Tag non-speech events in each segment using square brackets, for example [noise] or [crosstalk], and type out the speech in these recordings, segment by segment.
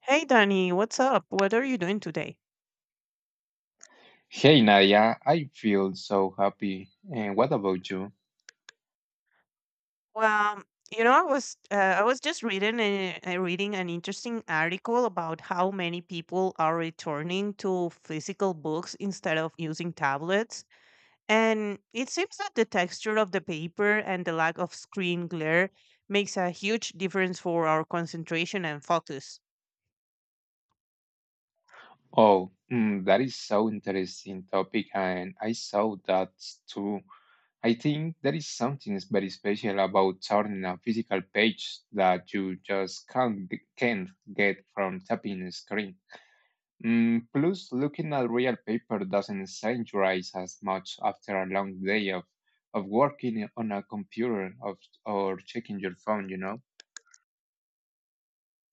Hey Danny, what's up? What are you doing today? Hey Nadia, I feel so happy. And what about you? Well, I was just reading reading an interesting article about how many people are returning to physical books instead of using tablets, and it seems that the texture of the paper and the lack of screen glare makes a huge difference for our concentration and focus. Oh, that is so interesting topic, and I saw that too. I think there is something very special about turning a physical page that you just can't get from tapping a screen. Plus, looking at real paper doesn't strain your eyes as much after a long day of working on a computer of, or checking your phone.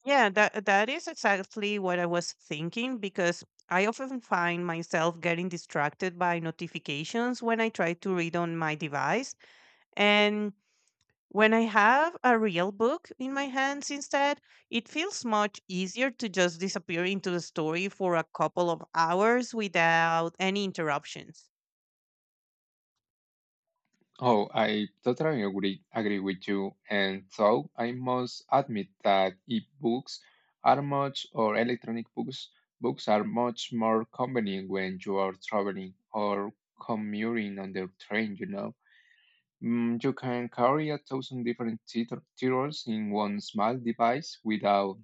Yeah, that is exactly what I was thinking because I often find myself getting distracted by notifications when I try to read on my device. And when I have a real book in my hands instead, it feels much easier to just disappear into the story for a couple of hours without any interruptions. Oh, I totally agree with you. And so I must admit that e-books are much, or electronic books, books are much more convenient when you are traveling or commuting on the train. You can carry a thousand different titles in one small device without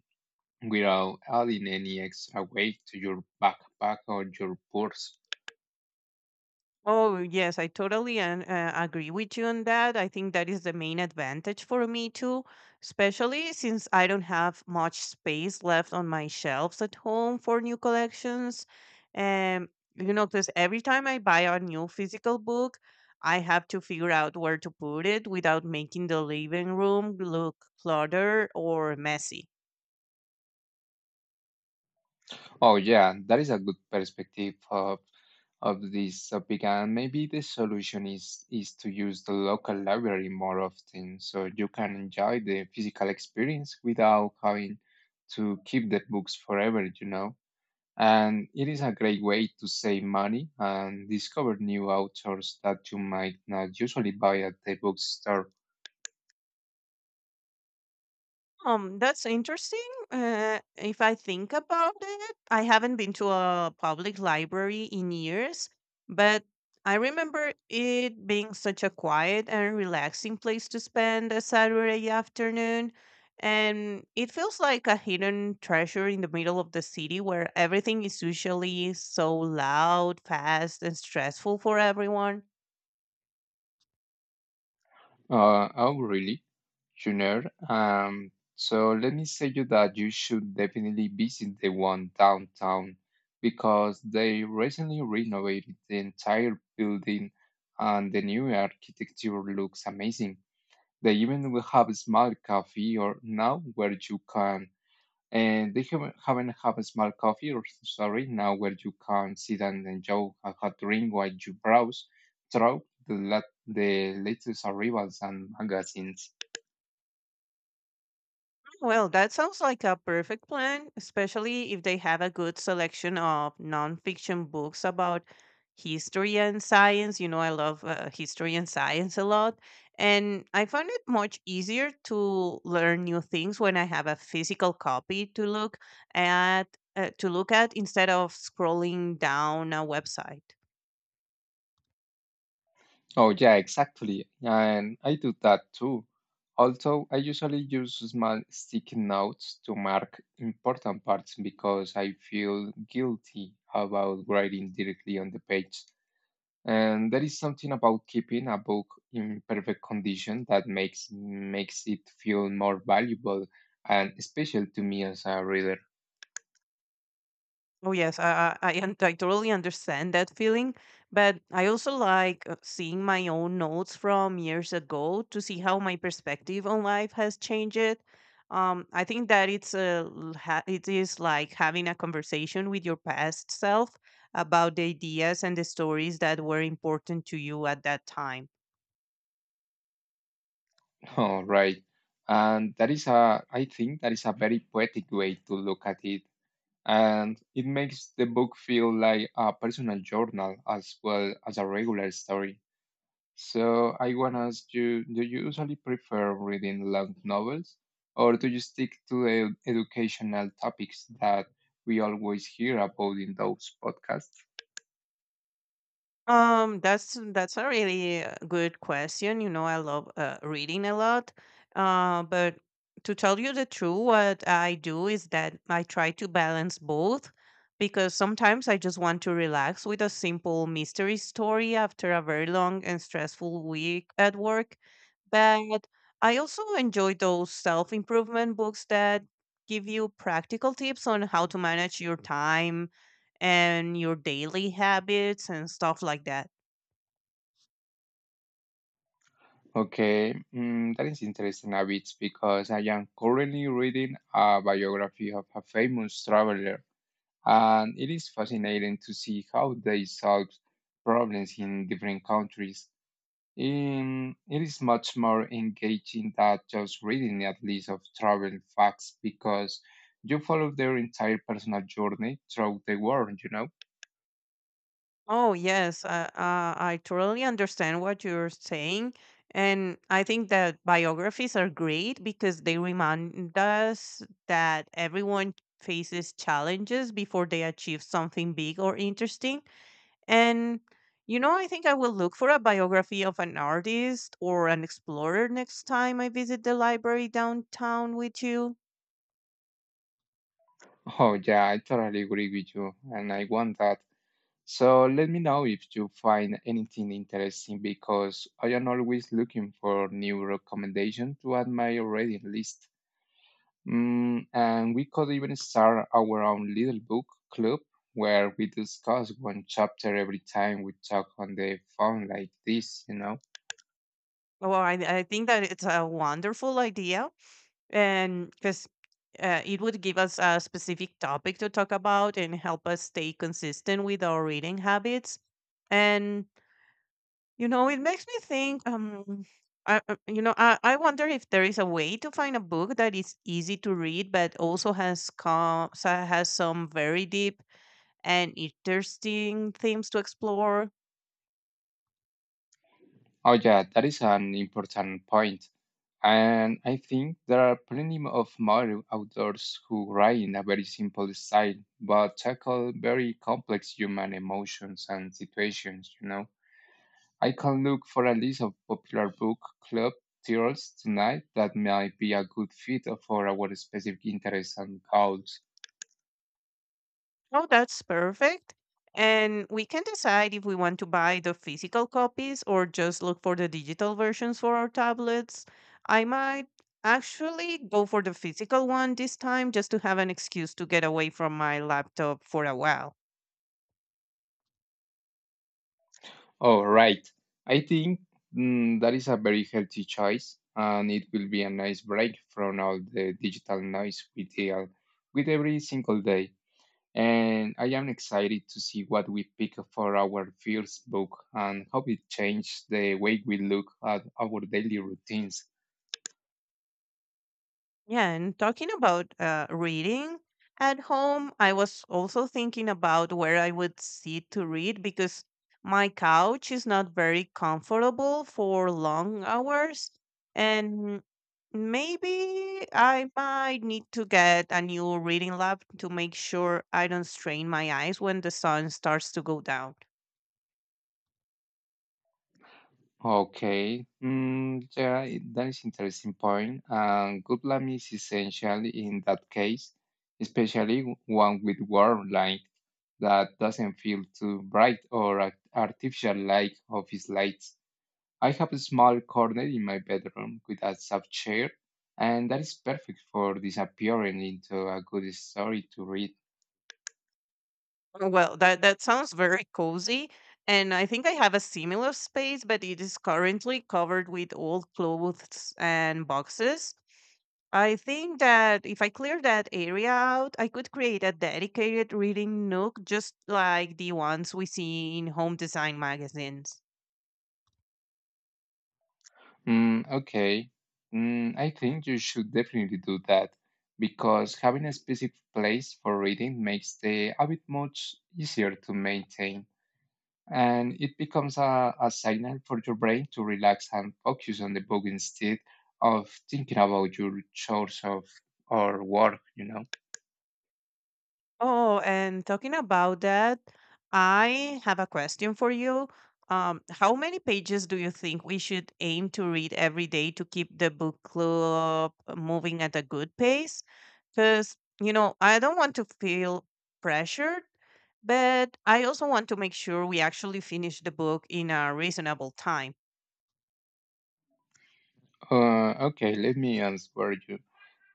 adding any extra weight to your backpack or your purse. Oh, yes, I totally and agree with you on that. I think that is the main advantage for me too, especially since I don't have much space left on my shelves at home for new collections. Um, because every time I buy a new physical book, I have to figure out where to put it without making the living room look cluttered or messy. Oh, yeah, that is a good perspective of this topic, and maybe the solution is to use the local library more often, so you can enjoy the physical experience without having to keep the books forever, you know. And it is a great way to save money and discover new authors that you might not usually buy at the bookstore. That's interesting. If I think about it, I haven't been to a public library in years, but I remember it being such a quiet and relaxing place to spend a Saturday afternoon. And it feels like a hidden treasure in the middle of the city where everything is usually so loud, fast, and stressful for everyone. Oh, really? Junior. So let me say you that you should definitely visit the one downtown because they recently renovated the entire building and the new architecture looks amazing. They even will have a small cafe or now where you can and they haven't have a small coffee or sorry now where you can sit and enjoy a hot drink while you browse through the latest arrivals and magazines. Well, that sounds like a perfect plan, especially if they have a good selection of nonfiction books about history and science. You know, I love history and science a lot. And I found it much easier to learn new things when I have a physical copy to look at. To look at instead of scrolling down a website. Oh, yeah, exactly. And I do that too. Although I usually use small sticky notes to mark important parts because I feel guilty about writing directly on the page. And there is something about keeping a book in perfect condition that makes it feel more valuable and special to me as a reader. Oh yes, I totally understand that feeling, but I also like seeing my own notes from years ago to see how my perspective on life has changed. I think that it is like having a conversation with your past self about the ideas and the stories that were important to you at that time. [laughs] All right. And that is I think that is a very poetic way to look at it, and it makes the book feel like a personal journal as well as a regular story. So I want to ask you, do you usually prefer reading long novels or do you stick to the educational topics that we always hear about in those podcasts? That's a really good question. You know, I love reading a lot. But to tell you the truth, what I do is that I try to balance both because sometimes I just want to relax with a simple mystery story after a very long and stressful week at work. But I also enjoy those self-improvement books that give you practical tips on how to manage your time and your daily habits and stuff like that. Okay, that is interesting a bit because I am currently reading a biography of a famous traveler. And it is fascinating to see how they solve problems in different countries. In, it is much more engaging than just reading a list of travel facts because you follow their entire personal journey throughout the world, you know? [laughs] Oh, yes, I totally understand what you're saying. And I think that biographies are great because they remind us that everyone faces challenges before they achieve something big or interesting. And, you know, I think I will look for a biography of an artist or an explorer next time I visit the library downtown with you. Oh, yeah, I totally agree with you, and I want that. So let me know if you find anything interesting because I am always looking for new recommendations to add my reading list. And we could even start our own little book club where we discuss one chapter every time we talk on the phone like this, you know? Well, I think that it's a wonderful idea and because it would give us a specific topic to talk about and help us stay consistent with our reading habits and you know it makes me think I, you know I wonder if there is a way to find a book that is easy to read but also has some very deep and interesting themes to explore. Oh, yeah, that is an important point. And I think there are plenty of modern authors who write in a very simple style, but tackle very complex human emotions and situations, you know? I can look for a list of popular book club titles tonight that might be a good fit for our specific interests and goals. Oh, that's perfect. And we can decide if we want to buy the physical copies or just look for the digital versions for our tablets. I might actually go for the physical one this time just to have an excuse to get away from my laptop for a while. All right. I think that is a very healthy choice, and it will be a nice break from all the digital noise we deal with every single day. And I am excited to see what we pick for our first book and how it changes the way we look at our daily routines. Yeah, and talking about reading at home, I was also thinking about where I would sit to read because my couch is not very comfortable for long hours. And maybe I might need to get a new reading lamp to make sure I don't strain my eyes when the sun starts to go down. Okay, yeah, that is interesting point. And good plan is essential in that case, especially one with warm light that doesn't feel too bright or artificial like office lights. I have a small corner in my bedroom with a soft chair, and that is perfect for disappearing into a good story to read. Oh, well, that sounds very cozy, and I think I have a similar space, but it is currently covered with old clothes and boxes. I think that if I clear that area out, I could create a dedicated reading nook just like the ones we see in home design magazines. Okay. I think you should definitely do that because having a specific place for reading makes the habit much easier to maintain. And it becomes a signal for your brain to relax and focus on the book instead of thinking about your chores of or work, you know. Oh, and talking about that, I have a question for you. How many pages do you think we should aim to read every day to keep the book club moving at a good pace? Because, you know, I don't want to feel pressured, but I also want to make sure we actually finish the book in a reasonable time. Okay, let me answer you.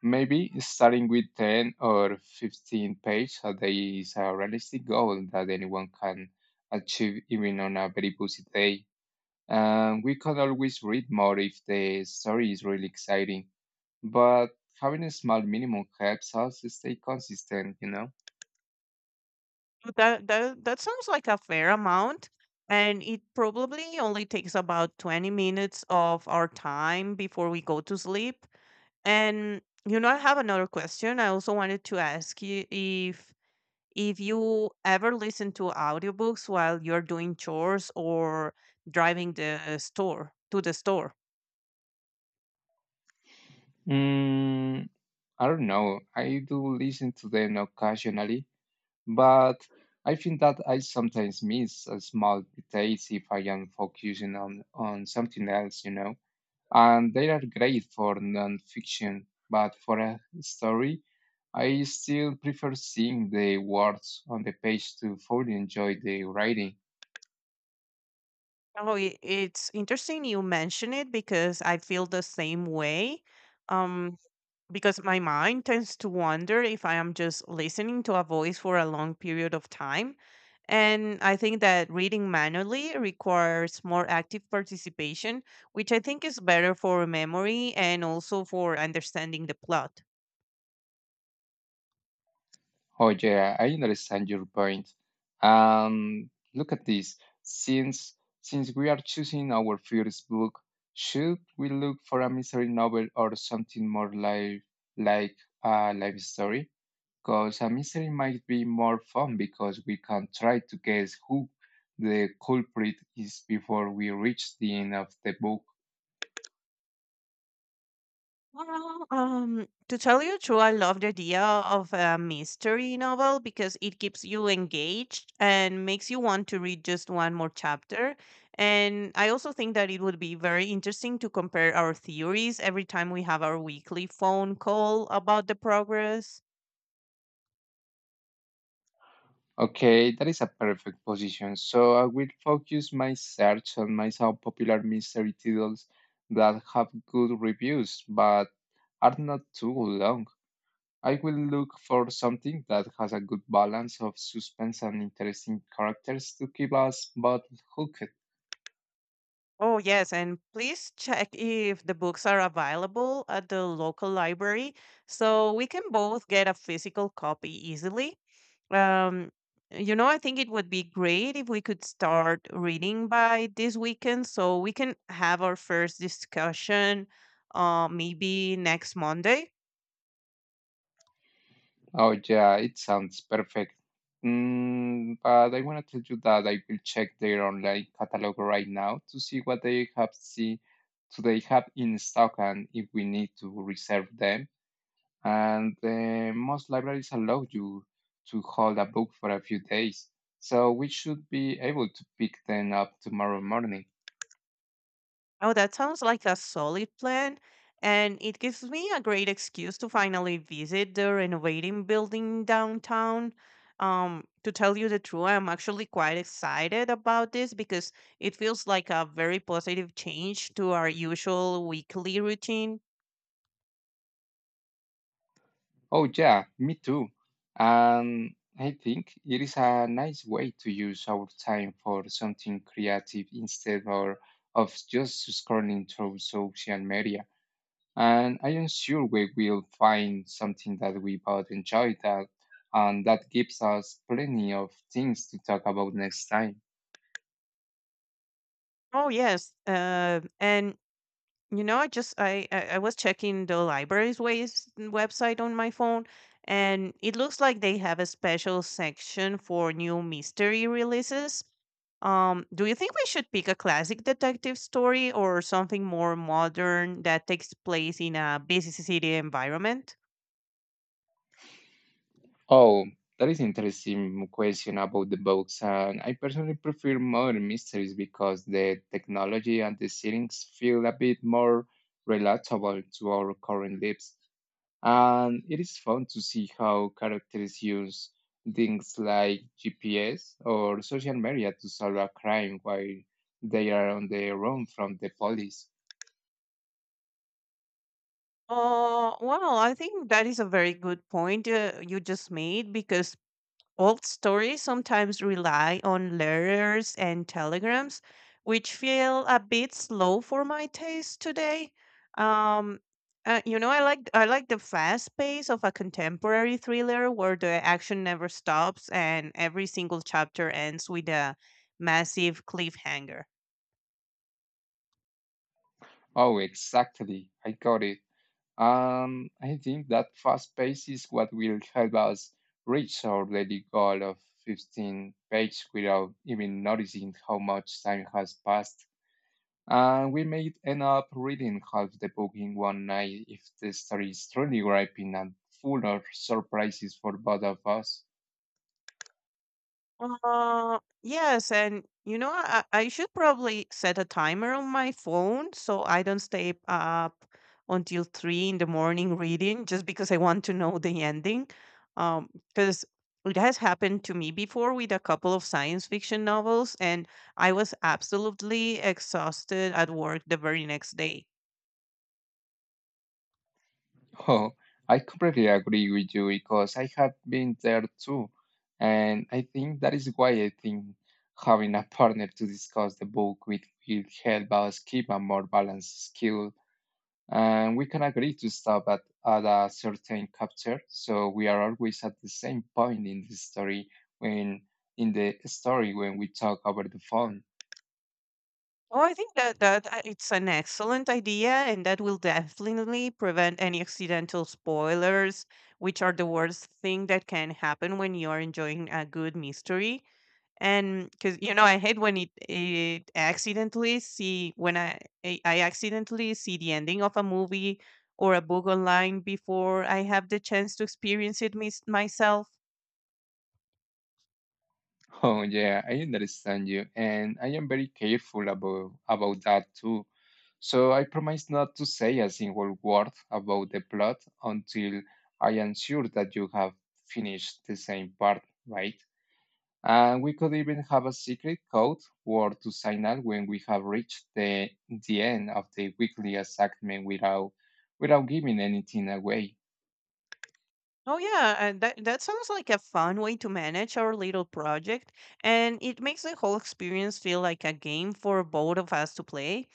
Maybe starting with 10 or 15 pages a day is a realistic goal that anyone can achieve even on a very busy day. And we can always read more if the story is really exciting. But having a small minimum helps us stay consistent, you know? That sounds like a fair amount, and it probably only takes about 20 minutes of our time before we go to sleep. And you know, I have another question. I also wanted to ask you if you ever listen to audiobooks while you're doing chores or driving the store to the store. Mm, I don't know. I do listen to them occasionally, but I think that I sometimes miss a small details if I am focusing on something else, you know? And they are great for nonfiction. But for a story, I still prefer seeing the words on the page to fully enjoy the writing. Oh, it's interesting you mention it because I feel the same way. Um, because my mind tends to wonder if I am just listening to a voice for a long period of time. And I think that reading manually requires more active participation, which I think is better for memory and also for understanding the plot. Oh, yeah, I understand your point. Look at this. Since since we are choosing our first book, should we look for a mystery novel or something more like a life story? Because a mystery might be more fun because we can try to guess who the culprit is before we reach the end of the book. Well, to tell you true, I love the idea of a mystery novel because it keeps you engaged and makes you want to read just one more chapter. And I also think that it would be very interesting to compare our theories every time we have our weekly phone call about the progress. Okay, that is a perfect position. So I will focus my search on my some popular mystery titles that have good reviews but are not too long. I will look for something that has a good balance of suspense and interesting characters to keep us both hooked. Oh, yes, and please check if the books are available at the local library so we can both get a physical copy easily. Um, you know, I think it would be great if we could start reading by this weekend so we can have our first discussion maybe next Monday. Oh, yeah, it sounds perfect. But I want to tell you that I will check their online catalog right now to see what they have see, do they have in stock and if we need to reserve them. And most libraries allow you to hold a book for a few days, so we should be able to pick them up tomorrow morning. Oh, that sounds like a solid plan. And it gives me a great excuse to finally visit the renovating building downtown. To tell you the truth, I'm actually quite excited about this because it feels like a very positive change to our usual weekly routine. Oh, yeah, me too. And I think it is a nice way to use our time for something creative instead or of just scrolling through social media. And I am sure we will find something that we both enjoy that and that gives us plenty of things to talk about next time. Oh yes, and you know, I just I was checking the library's website on my phone, and it looks like they have a special section for new mystery releases. Do you think we should pick a classic detective story or something more modern that takes place in a busy city environment? Oh, that is interesting question about the books. And I personally prefer modern mysteries because the technology and the settings feel a bit more relatable to our current lives. And it is fun to see how characters use things like GPS or social media to solve a crime while they are on the run from the police. Well, I think that is a very good point you just made because old stories sometimes rely on letters and telegrams, which feel a bit slow for my taste today. Um, you know, I like the fast pace of a contemporary thriller where the action never stops and every single chapter ends with a massive cliffhanger. Oh, exactly. I got it. I think that fast pace is what will help us reach our daily goal of 15 pages without even noticing how much time has passed. And we may end up reading half the book in one night if the story is truly gripping and full of surprises for both of us. Yes, and you know, I should probably set a timer on my phone so I don't stay up until 3 in the morning reading just because I want to know the ending. Um, because it has happened to me before with a couple of science fiction novels, and I was absolutely exhausted at work the very next day. Oh, I completely agree with you because I have been there too. And I think that is why I think having a partner to discuss the book with will help us keep a more balanced skill. And we can agree to stop at a certain chapter, so we are always at the same point in the story when when we talk over the phone. Oh, I think that it's an excellent idea, and that will definitely prevent any accidental spoilers, which are the worst thing that can happen when you're enjoying a good mystery. And because you know, I hate when it accidentally see when I accidentally see the ending of a movie or a book online before I have the chance to experience it myself. Oh yeah, I understand you, and I am very careful about that too. So I promise not to say a single word about the plot until I am sure that you have finished the same part, right? And we could even have a secret code word to signal when we have reached the end of the weekly assignment without giving anything away. Oh yeah, and that sounds like a fun way to manage our little project, and it makes the whole experience feel like a game for both of us to play.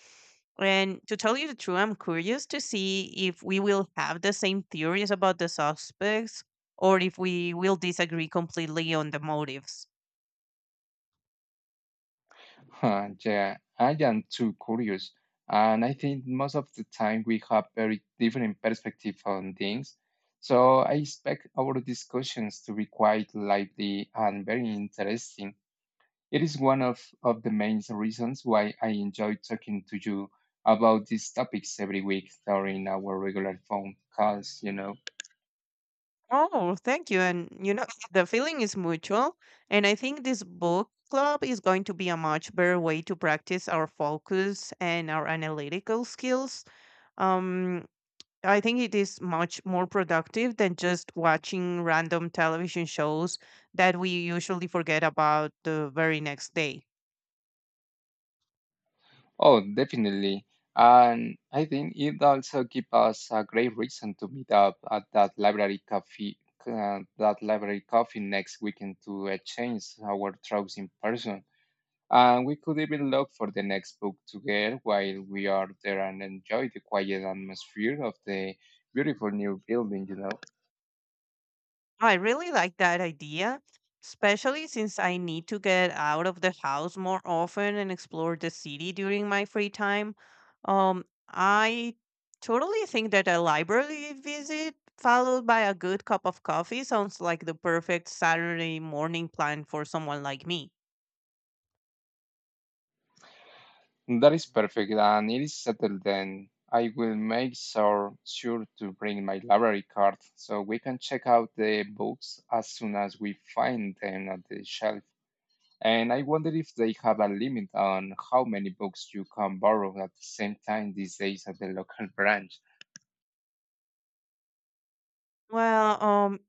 And to tell you the truth, I'm curious to see if we will have the same theories about the suspects or if we will disagree completely on the motives. Huh, yeah, I am too curious, and I think most of the time we have very different perspective on things. So I expect our discussions to be quite lively and very interesting. It is one of the main reasons why I enjoy talking to you about these topics every week during our regular phone calls, you know. Oh, thank you. And you know, [laughs] the feeling is mutual. And I think this book club is going to be a much better way to practice our focus and our analytical skills. Um, I think it is much more productive than just watching random television shows that we usually forget about the very next day. Oh, definitely. And I think it also gives us a great reason to meet up at that library coffee next weekend to exchange our thoughts in person. And we could even look for the next book together while we are there and enjoy the quiet atmosphere of the beautiful new building, you know. Oh, I really like that idea, especially since I need to get out of the house more often and explore the city during my free time. I totally think that a library visit followed by a good cup of coffee sounds like the perfect Saturday morning plan for someone like me. That is perfect, and it is settled then. I will make sure to bring my library card so we can check out the books as soon as we find them at the shelf. And I wonder if they have a limit on how many books you can borrow at the same time these days at the local [laughs] branch. Well, um,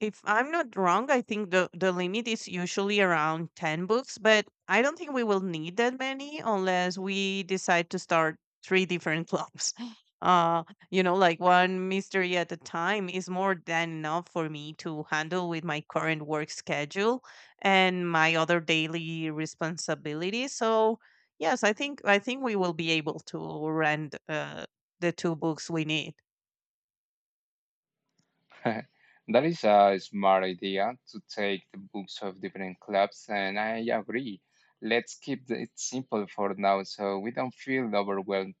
if I'm not wrong, I think the limit is usually around 10 books, but I don't think we will need that many unless we decide to start three different clubs. [laughs] Uh, like one mystery at a time is more than enough for me to handle with my current work schedule and my other daily responsibilities. So, yes, I think we will be able to rent the two books we need. [laughs] That is a smart idea to take the books of different clubs, and I agree. Let's keep it simple for now so we don't feel overwhelmed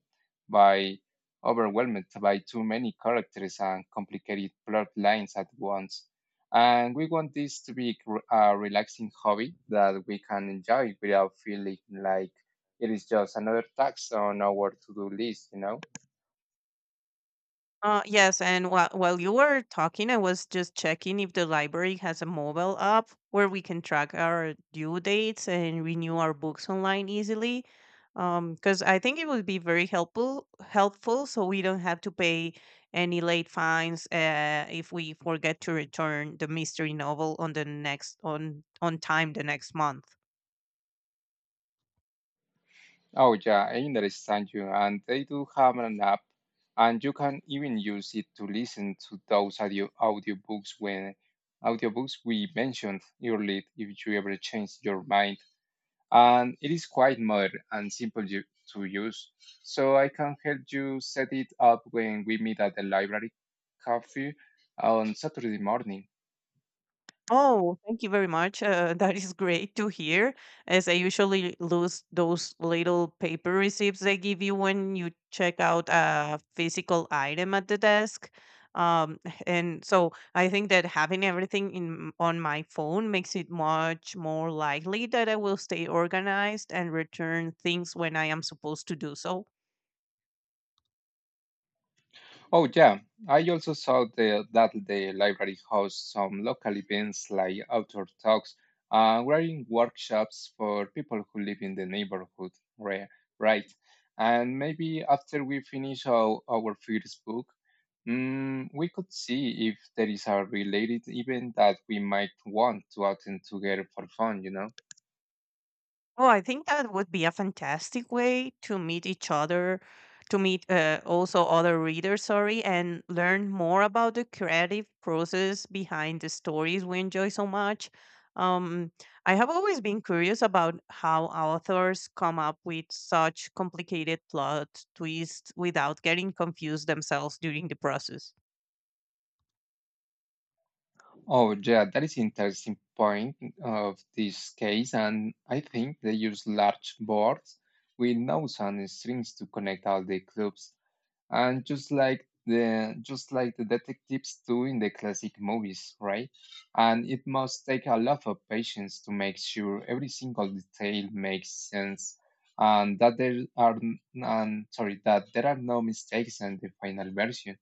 by too many characters and complicated plot lines at once. And we want this to be a relaxing hobby that we can enjoy without feeling like it is just another tax on our to-do list, you know? Yes, and while you were talking, I was just checking if the library has a mobile app where we can track our due dates and renew our books online easily. Because I think it would be very helpful so we don't have to pay any late fines if we forget to return the mystery novel on the next on time the next month. Oh yeah, I understand you. And they do have an app, and you can even use it to listen to those audiobooks we mentioned earlier if you ever change your mind. And it is quite modern and simple you, to use. So I can help you set it up when we meet at the library cafe on Saturday morning. Oh, thank you very much. [laughs] That is great to hear, as I usually lose those little paper receipts they give you when you check out a physical item at the desk. Um, [laughs] and so I think that having everything in on my phone makes it much more likely that I will stay organized and return things when I am supposed to do so. Oh, yeah. I also saw that the library hosts some local events like outdoor talks and writing workshops for people who live in the neighborhood, ri- right? And maybe after we finish our first book, we could see if there is a related event that we might want to attend together for fun, you know? Oh, I think that would be a fantastic way to meet each other, to meet also other readers, sorry, and learn more about the creative process behind the stories we enjoy so much. Um, I have always been curious about how authors come up with such complicated plot twists without getting confused themselves during the process. Oh, yeah, that is interesting point of this case, and I think they use large boards with nodes and strings to connect all the clubs, and just like the detectives do in the classic movies, right? And it must take a lot of patience to make sure every single detail makes sense, and that there are n- and sorry that there are no mistakes in the final version.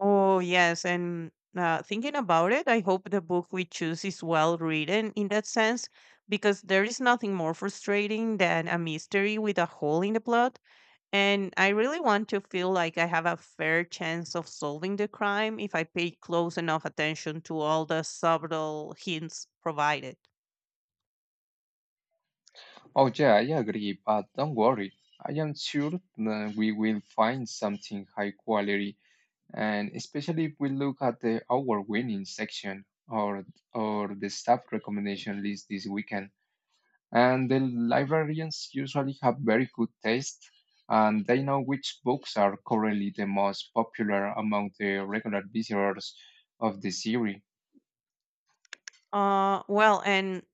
Oh, yes. And Thinking about it, I hope the book we choose is well written in that sense, because there is nothing more frustrating than a mystery with a hole in the plot. And I really want to feel like I have a fair chance of solving the crime if I pay close enough attention to all the subtle hints provided. Oh, yeah, I agree, but don't worry. I am sure that we will find something high quality, and especially if we look at the award winning section or the staff recommendation list this weekend. And the librarians usually have very good taste, and they know which books are currently the most popular among the regular visitors of the series. Uh, well, and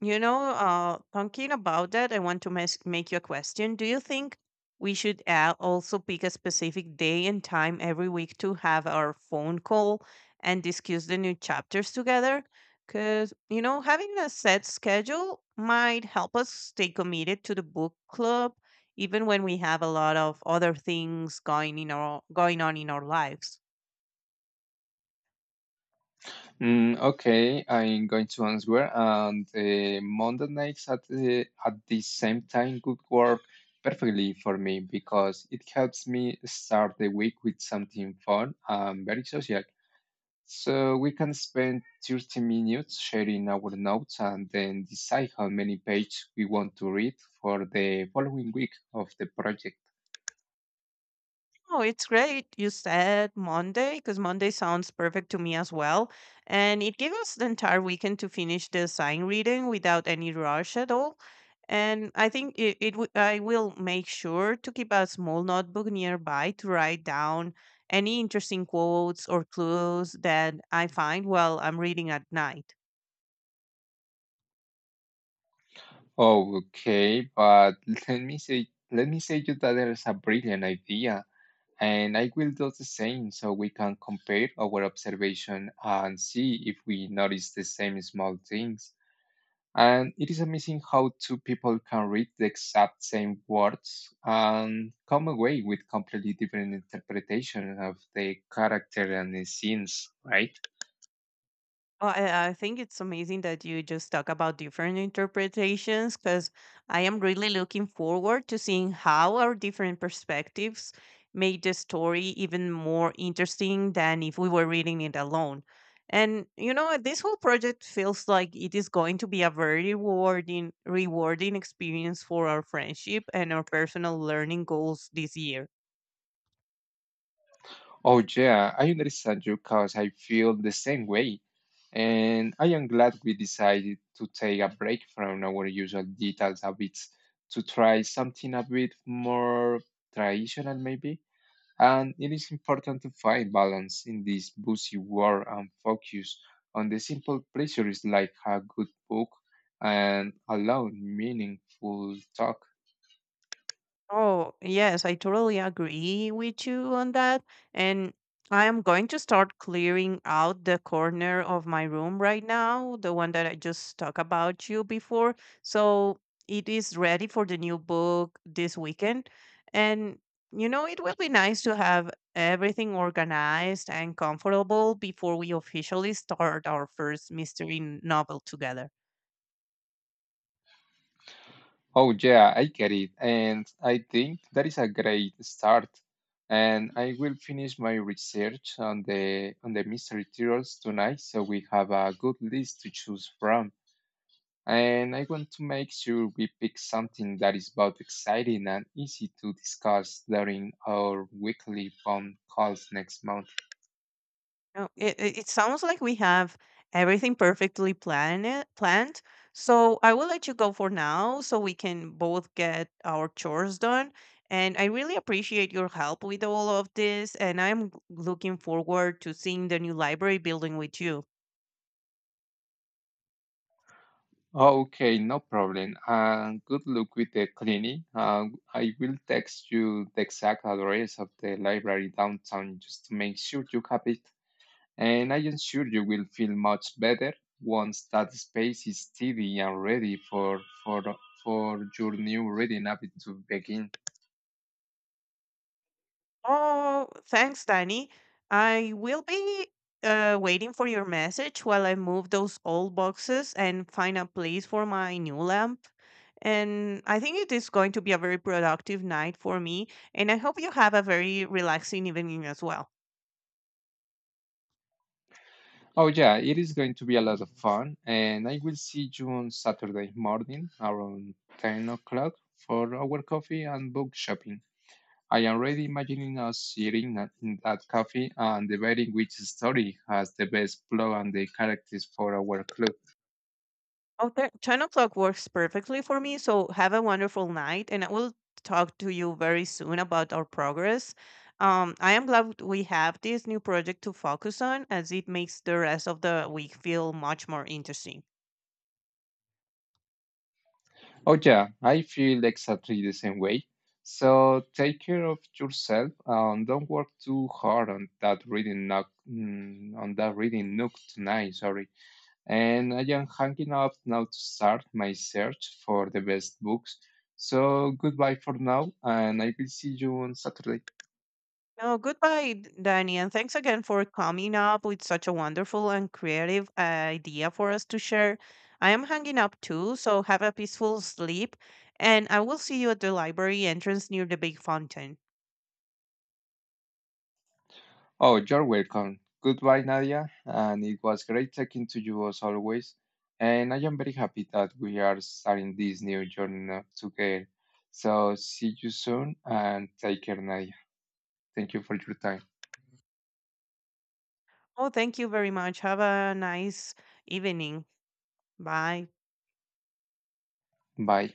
Talking about that, I want to make you a question. Do you think we should also pick a specific day and time every week to have our phone call and discuss the new chapters together? Because, you know, having a set schedule might help us stay committed to the book club, even when we have a lot of other things going on in our lives. Okay, I'm going to answer, and Monday nights at the same time could work perfectly for me because it helps me start the week with something fun and very social. So we can spend 30 minutes sharing our notes and then decide how many pages we want to read for the following week of the project. Oh, it's great. You said Monday because Monday sounds perfect to me as well. And it gives us the entire weekend to finish the sign reading without any rush at all. And I think I will make sure to keep a small notebook nearby to write down any interesting quotes or clues that I find while I'm reading at night. Okay, but [laughs] let me say you that there is a brilliant idea. And I will do the same so we can compare our observation and see if we notice the same small things. And it is amazing how two people can read the exact same words and come away with completely different interpretation of the character and the scenes, right? Well, I think it's amazing that you just talk about different interpretations because I am really looking forward to seeing how our different perspectives made the story even more interesting than if we were reading it alone. And you know, this whole project feels like it is going to be a very rewarding experience for our friendship and our personal learning goals this year. Oh, yeah, I understand you because I feel the same way. And I am glad we decided to take a break from our usual digital habits to try something a bit more traditional, maybe. And it is important to find balance in this busy world and focus on the simple pleasures like a good book and a long, meaningful talk. Oh, yes, I totally agree with you on that. And I am going to start clearing out the corner of my room right now, the one that I just talked about you before. So it is ready for the new book this weekend. And, you know, it will be nice to have everything organized and comfortable before we officially start our first mystery novel together. Oh, yeah, I get it. And I think that is a great start. And I will finish my research on the mystery turtles tonight, so we have a good list to choose from. And I want to make sure we pick something that is both exciting and easy to discuss during our weekly phone calls next month. No, it sounds like we have everything perfectly planned. So I will let you go for now so we can both get our chores done. And I really appreciate your help with all of this. And I'm looking forward to seeing the new library building with you. Oh, okay, no problem. Good luck with the cleaning. I will text you the exact address of the library downtown just to make sure you have it. And I am sure you will feel much better once that space is tidy and ready for your new reading habit to begin. Oh, thanks, Danny. I will be waiting for your message while I move those old boxes and find a place for my new lamp. And I think it is going to be a very productive night for me. And I hope you have a very relaxing evening as well. Oh yeah, it is going to be a lot of fun, and I will see you on Saturday morning around 10 o'clock for our coffee and book shopping. I am already imagining us in that cafe and debating which story has the best plot and the characters for our club. 10 o'clock works perfectly for me. So have a wonderful night, and I will talk to you very soon about our progress. I am glad we have this new project to focus on as it makes the rest of the week feel much more interesting. Oh yeah, I feel exactly the same way. So take care of yourself and don't work too hard on that reading nook tonight. And I am hanging up now to start my search for the best books. So goodbye for now, and I will see you on Saturday. No, goodbye, Danny, and thanks again for coming up with such a wonderful and creative idea for us to share. I am hanging up too, so have a peaceful sleep, and I will see you at the library entrance near the big fountain. Oh, you're welcome. Goodbye, Nadia, and it was great talking to you as always. And I am very happy that we are starting this new journey now together. So see you soon and take care, Nadia. Thank you for your time. Oh, thank you very much. Have a nice evening. Bye. Bye.